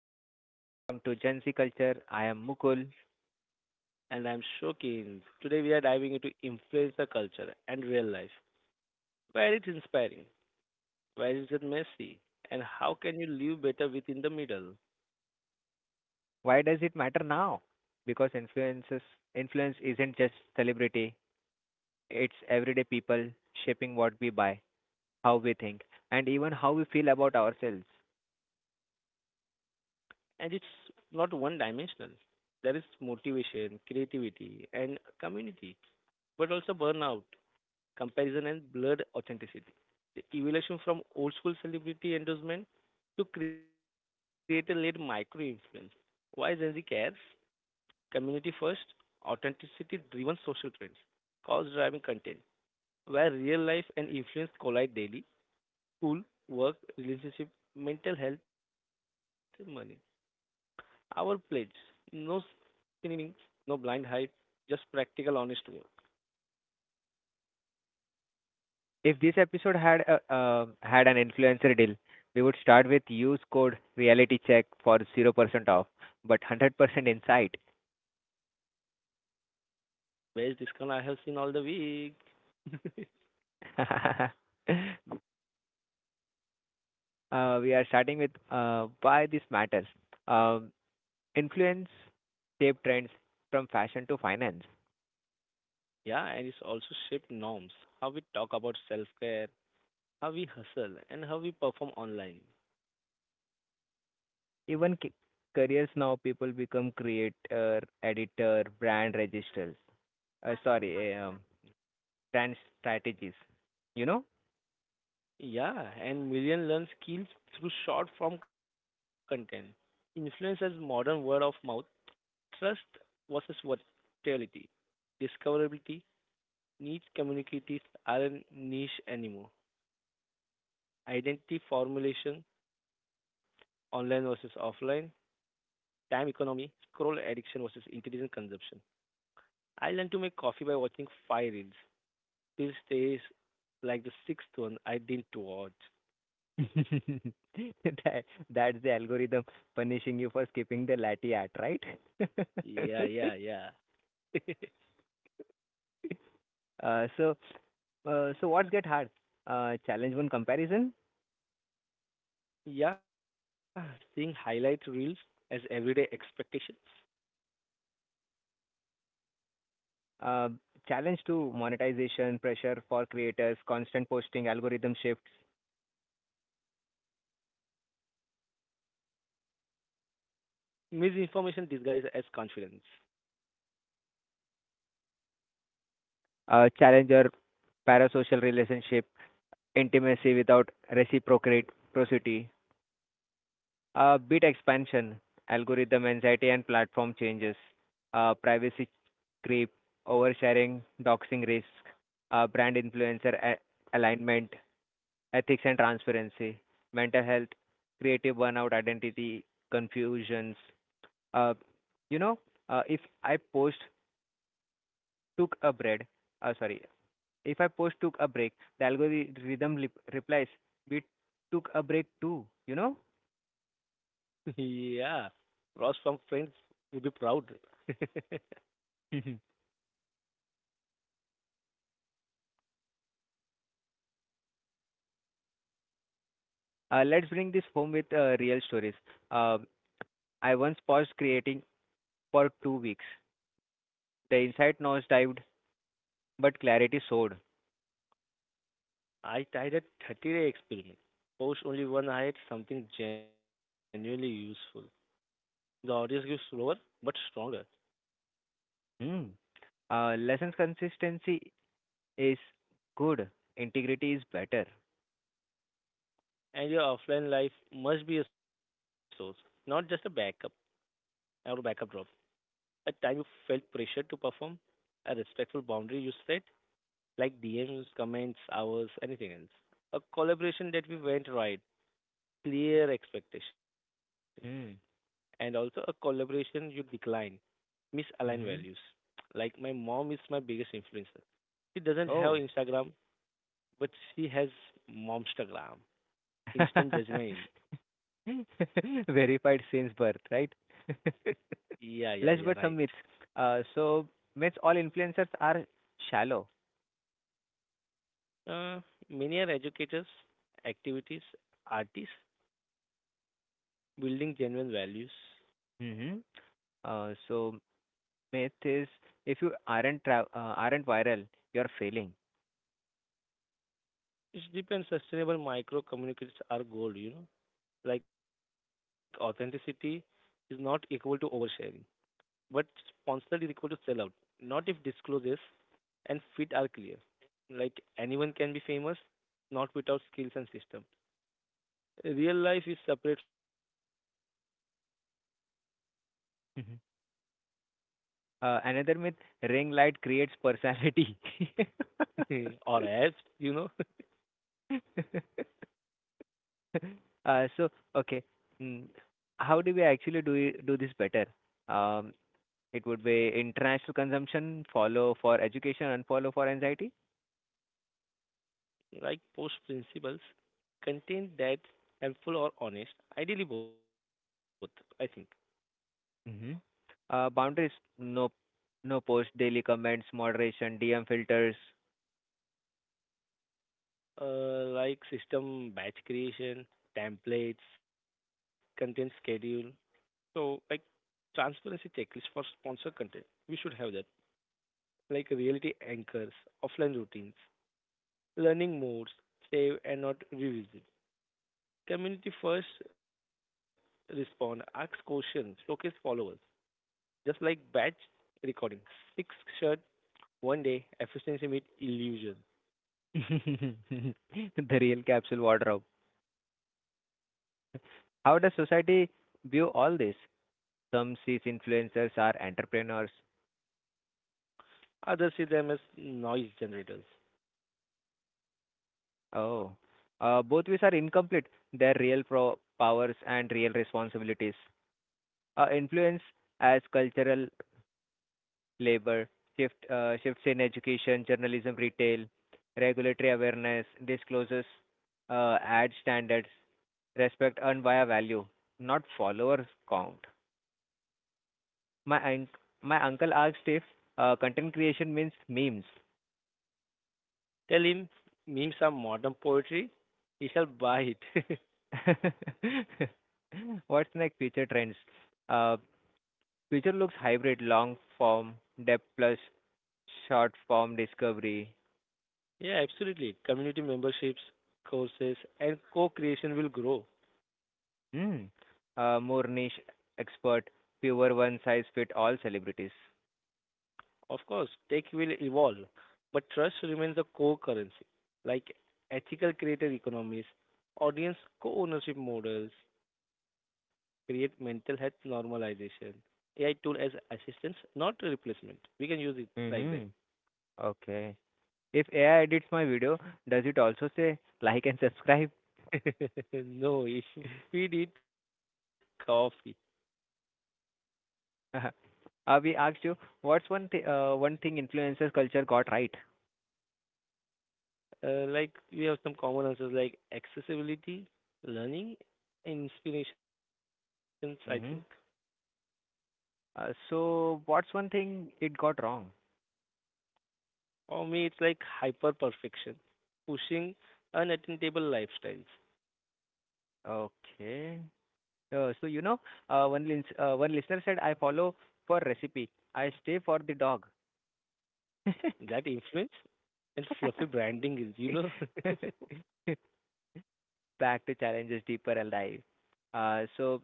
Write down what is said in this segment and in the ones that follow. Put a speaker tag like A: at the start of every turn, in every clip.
A: everyone, welcome to Gen Z Culture. I am Mukul.
B: And I'm Shokin. Today we are diving into influencer culture and real life. Where it's inspiring, where is it messy, and how can you live better within the middle?
A: Why does it matter now? Because influence isn't just celebrity, it's everyday people shaping what we buy, how we think, and even how we feel about ourselves.
B: And it's not one dimensional. There is motivation, creativity, and community, but also burnout, comparison, and blurred authenticity. The evolution from old school celebrity endorsement to creator led micro influence. Why Gen Z cares? Community first, authenticity driven social trends, cause driving content, where real life and influence collide daily, school, work, relationship, mental health, money. Our pledge no cineming, no blind hype, just practical, honest work.
A: If this episode had had an influencer deal, we would start with use code reality check for 0% off, but 100% insight.
B: Best discount I have seen all the week.
A: We are starting with why this matters. Um Influence shape trends from fashion to finance.
B: Yeah, and it's also shaped norms, how we talk about self care, how we hustle, and how we perform online.
A: Even careers now, people become creator, editor, brand registers. Uh, sorry, eh, um, Brand strategies. You know,
B: Yeah, and million learn skills through short form content. Influence as modern word of mouth, trust versus versatility, discoverability, niche communities aren't niche anymore. Identity formulation, online versus offline, time economy, scroll addiction versus intelligent consumption. I learned to make coffee by watching five reels. This stays like the sixth one I didn't watch.
A: that that's the algorithm punishing you for skipping the latte art, right?
B: Yeah, yeah, yeah.
A: uh, so, so what's get hard? Challenge one comparison.
B: Yeah, seeing highlight reels as everyday expectations,
A: Uh, Challenge two monetization pressure for creators, constant posting, algorithm shifts.
B: misinformation disguised as confidence.
A: Challenger parasocial relationship, intimacy without reciprocate prosody, bit expansion, algorithm anxiety and platform changes, privacy creep, oversharing, doxing risk, brand influencer alignment, ethics and transparency, mental health, creative burnout, identity confusions. Uh, you know, if I post took a bread, sorry, If I post took a break, the algorithm replies, we took a break too, you know?
B: Yeah, Ross from Friends would be proud.
A: uh, let's bring this home with real stories. Uh, I once paused creating for 2 weeks. The insight noise dived, but clarity soared.
B: I tried a 30-day experiment. Post only one highlight, something genuinely useful. The audience grows slower but stronger,
A: Hmm. Lessons consistency is good. Integrity is better.
B: and your offline life must be a source, not just a backup or a backup drop. A time you felt pressure to perform, a respectful boundary you set, like DMs, comments, hours, anything else. A collaboration that we went right, clear expectations, and
A: Hmm.
B: also a collaboration you decline, misaligned values.
A: Mm-hmm.
B: Like my mom is my biggest influencer. She doesn't have
A: Oh.
B: Instagram, but she has momstagram. Instant judgment.
A: Verified since birth, right?
B: Yeah, yeah, yeah, right.
A: Let's but some myths. Uh, so Myths all influencers are shallow.
B: Uh, Many are educators, activities, artists, building genuine values.
A: Hmm. Uh, so Myth is if you aren't viral, you're failing.
B: It depends. Sustainable micro communicates our goal, you know. Like authenticity is not equal to oversharing, but sponsored is equal to sellout. Not if disclosures and fit are clear. Like anyone can be famous, not without skills and system. Real life is separate from online life. They are intertwined.
A: Hmm. Another myth: ring light creates personality.
B: Or as you know,
A: uh, so okay, mm, how do we actually do this better? Um, it would be international consumption, follow for education, and follow for anxiety.
B: like post principles contain that helpful or honest, ideally both, I think.
A: Hmm. Boundaries, no, no post, daily comments, moderation, DM filters.
B: Like system batch creation, templates, content schedule, so like transparency checklist for sponsor content. We should have that. Like reality anchors, offline routines, learning modes, save and not revisit. Community first respond, ask questions, showcase followers. Just like batch recording. Six shirt one day, efficiency meet illusion.
A: The real capsule wardrobe. How does society view all this? Some sees influencers are entrepreneurs.
B: Others see them as noise generators.
A: Oh. Both ways are incomplete. Their real powers and real responsibilities. Influence as cultural labor, shifts in education, journalism, retail, regulatory awareness, disclosures, ad standards, respect earned via value, not followers count. My un- my uncle asked if content creation means memes.
B: Tell him memes are modern poetry, he shall buy it.
A: What's next? Future trends. Uh, Future looks hybrid, long form, depth plus short form discovery.
B: Yeah, absolutely. Community memberships, courses, and co creation will grow.
A: Mm. More niche expert, pure one size fit all celebrities.
B: Of course, tech will evolve, but trust remains the core currency, like ethical creator economies, audience co ownership models, create mental health normalization, AI tool as assistance, not a replacement. We can use it like that.
A: Mm-hmm. Okay. If AI edits my video, does it also say like and subscribe?
B: No, if you feed it coffee.
A: We asked you, what's one thing influencers culture got right?
B: Like we have some common answers like accessibility, learning, inspirations, I think.
A: Mm-hmm. What's one thing it got wrong?
B: For me, it's like hyper perfection, pushing unattainable lifestyles.
A: Okay. Uh, so you know, One listener said, "I follow for recipe. I stay for the dog."
B: That influence and fluffy branding is, you know.
A: Back to Challenges Deeper Alive. Uh, so,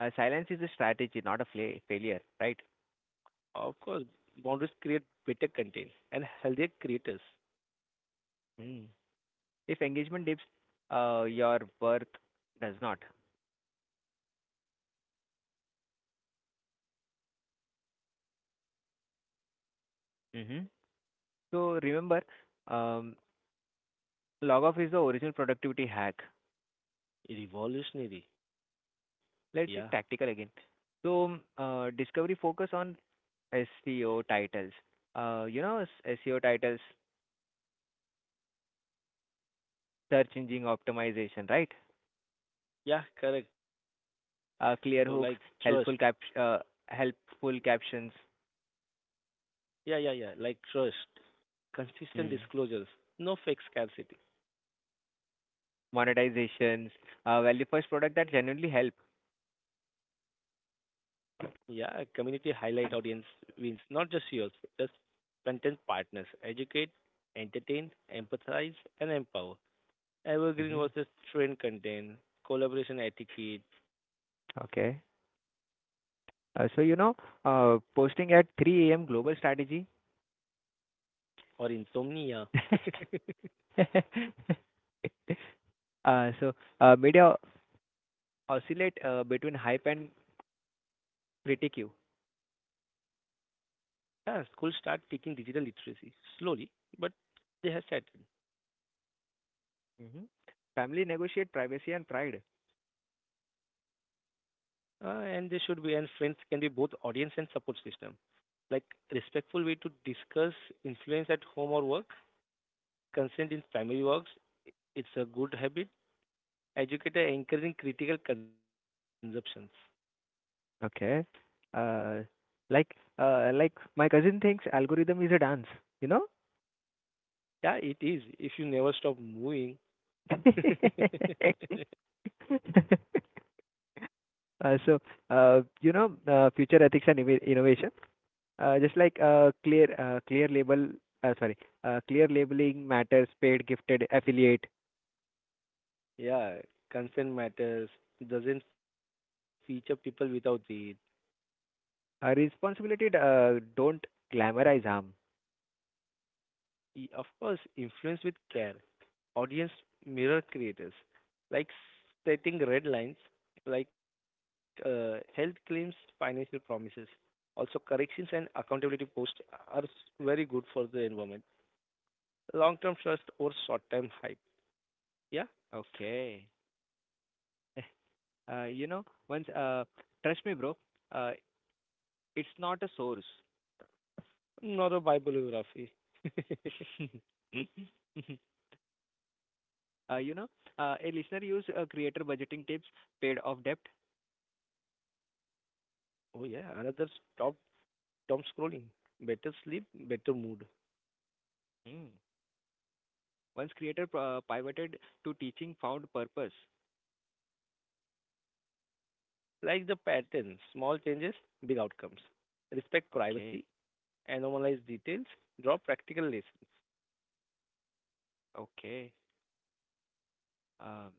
A: Silence is a strategy, not a failure, right?
B: Of course, boundaries create better content and healthier creators.
A: Mm. If engagement dips, your worth does not.
B: Yeah, offline wins matter most.
A: Hmm. So, remember, um, log off is the original productivity hack.
B: Revolutionary. Yeah,
A: Let's be tactical again. So, discovery focus on SEO titles. SEO titles, search engine optimization, right?
B: yeah, correct. So, like, trust.
A: Clear hooks, helpful cap, uh, helpful captions.
B: Yeah, yeah, yeah, like trust. Consistent disclosures, no fake scarcity.
A: Monetizations, value first product that genuinely help.
B: Yeah, community highlight audience wins, not just yours, just content partners. Educate, entertain, empathize, and empower. Evergreen
A: Hmm.
B: versus trend content, collaboration etiquette,
A: Okay. Uh, so, you know, Posting at 3 a.m. global strategy.
B: or insomnia.
A: uh, so, Media oscillate between hype and critique.
B: Yeah, schools start teaching digital literacy slowly, but they have settled.
A: Hmm. Family negotiate privacy and pride.
B: And they should be, and friends can be both audience and support system. Like respectful way to discuss influence at home or work, consent in family works. It's a good habit. Educator encouraging critical consumptions.
A: Okay. Uh, like my cousin thinks algorithm is a dance, you know?
B: Yeah, it is. If you never stop moving.
A: Uh, so, Future ethics and innovation, clear uh, sorry, clear labeling matters, paid, gifted, affiliate,
B: Yeah, consent matters. Doesn't feature people without the
A: responsibility don't glamorize harm.
B: E- of course, influence with care. Audience mirror creators, like setting red lines, like health claims, financial promises. Also, corrections and accountability posts are very good for the environment. Long term trust or short term hype. Yeah,
A: Okay. Eh, Uh, you know, once, uh, Trust me, bro, uh, it's not a source.
B: not a bibliography.
A: uh, you know, a listener used creator budgeting tips, paid off debt.
B: Oh, yeah, another stop Tom scrolling. Better sleep, better mood.
A: Hmm. Once creator pivoted to teaching, found purpose.
B: Like the pattern, small changes, big outcomes. Respect
A: Okay,
B: privacy, anonymize details, draw practical lessons.
A: okay. Um,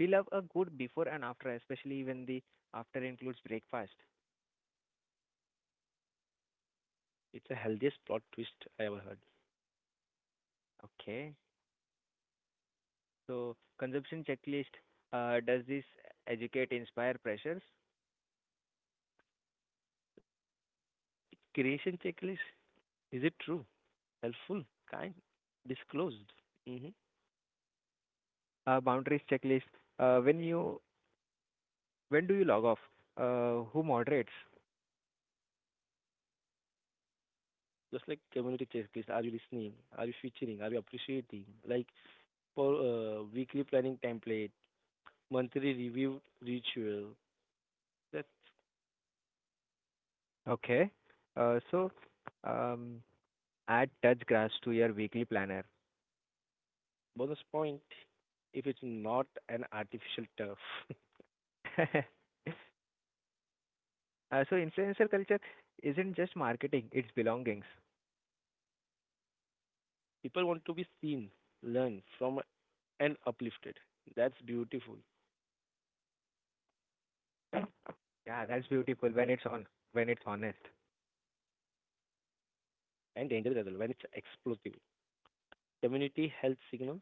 A: we love a good before and after, especially when the after includes breakfast.
B: It's the healthiest plot twist I ever heard.
A: Okay, so consumption checklist. Does this educate, inspire, pressures?
B: Creation checklist is it true, helpful, kind, disclosed? Hmm.
A: Boundaries checklist. Uh, when you when do you log off? Who moderates?
B: Just like community checklist, are you listening? Are you featuring? Are you appreciating? Like for weekly planning template, monthly review ritual. That's
A: Okay. uh, so um, Add touch grass to your weekly planner.
B: bonus point if it's not an artificial turf.
A: uh, Influencer culture isn't just marketing; it's belongings.
B: People want to be seen, learn from and uplifted. That's beautiful
A: Yeah, that's beautiful when it's honest.
B: and dangerous as well when it's explosive. Community health signal,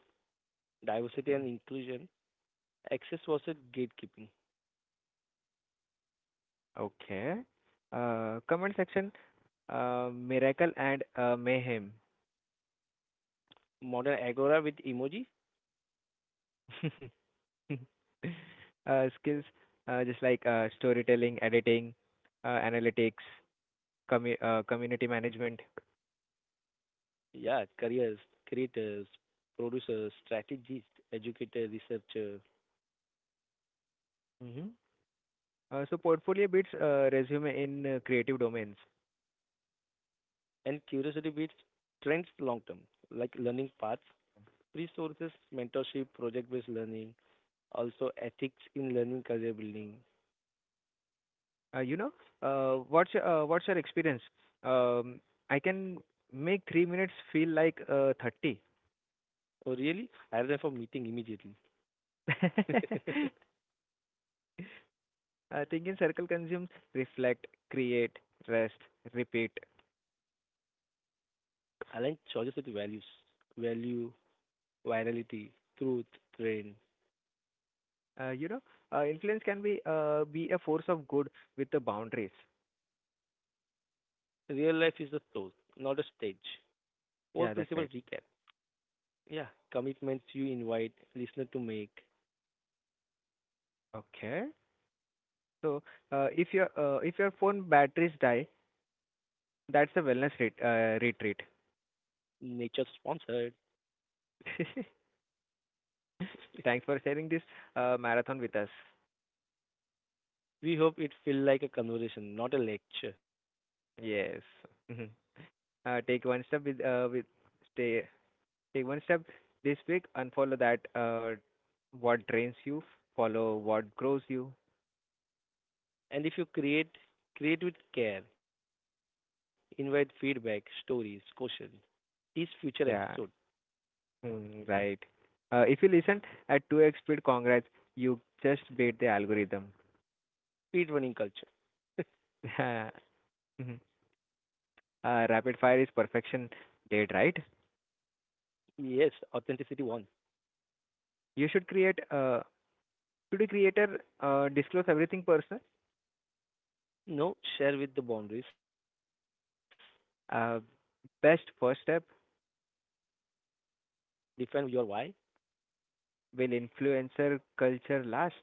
B: diversity and inclusion, access versus gatekeeping.
A: Okay. Comment section. Miracle and mayhem.
B: Modern agora with emoji,
A: Skills. Just like Storytelling, editing, analytics, community management.
B: yeah, careers, creators, producers, strategists, educator, researcher,
A: Hmm. Portfolio beats resume in creative domains.
B: and curiosity bits trends long term, like learning paths, resources, mentorship, project based learning, also ethics in learning career building.
A: Uh, you know, what's your experience? Um, I can make 3 minutes feel like
B: Oh, really? I have them for meeting immediately.
A: 30. Thinking circle consumes, reflect, create, rest, repeat.
B: Align choices with values, value, virality, truth, trend.
A: Uh, you know, Influence can be a force of good with the boundaries.
B: Real life is a soul, not a stage.
A: Yeah, that's
B: Core
A: right.
B: principle recap. Yeah, commitments you invite listener to make.
A: Okay. So if your phone batteries die, that's a wellness retreat.
B: Nature sponsored.
A: Thanks for sharing this marathon with us.
B: We hope it feel like a conversation, not a lecture.
A: Yes. Mhm. Uh, take one step with uh, with stay Take one step this week. Unfollow that what drains you. Follow what grows you.
B: And if you create, create with care. Invite feedback, stories, questions. Teach future episode,
A: Yeah, mm, right. If you listen at 2x speed, congrats, you just beat the algorithm.
B: speed running culture.
A: Mhm. Rapid fire is perfection date, right?
B: Yes, authenticity one.
A: You should create, uh, should the creator disclose everything personal?
B: No, share with the boundaries.
A: Uh, Best first step
B: Define your why.
A: will influencer culture last.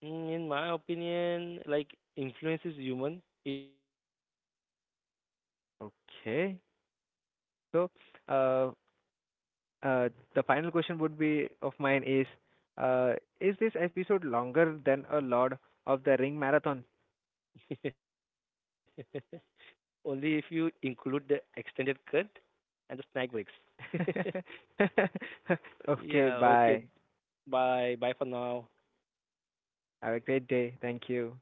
B: Mm, in my opinion, like influence is human. It evolves, not disappears.
A: Okay. So, uh, uh, the final question would be of mine uh, is this episode longer than a lot of the ring marathon?
B: Only if you include the extended cut and the snack breaks. Yeah.
A: Okay,
B: Okay.
A: bye.
B: Bye. Bye for now.
A: Have a great day. Thank you.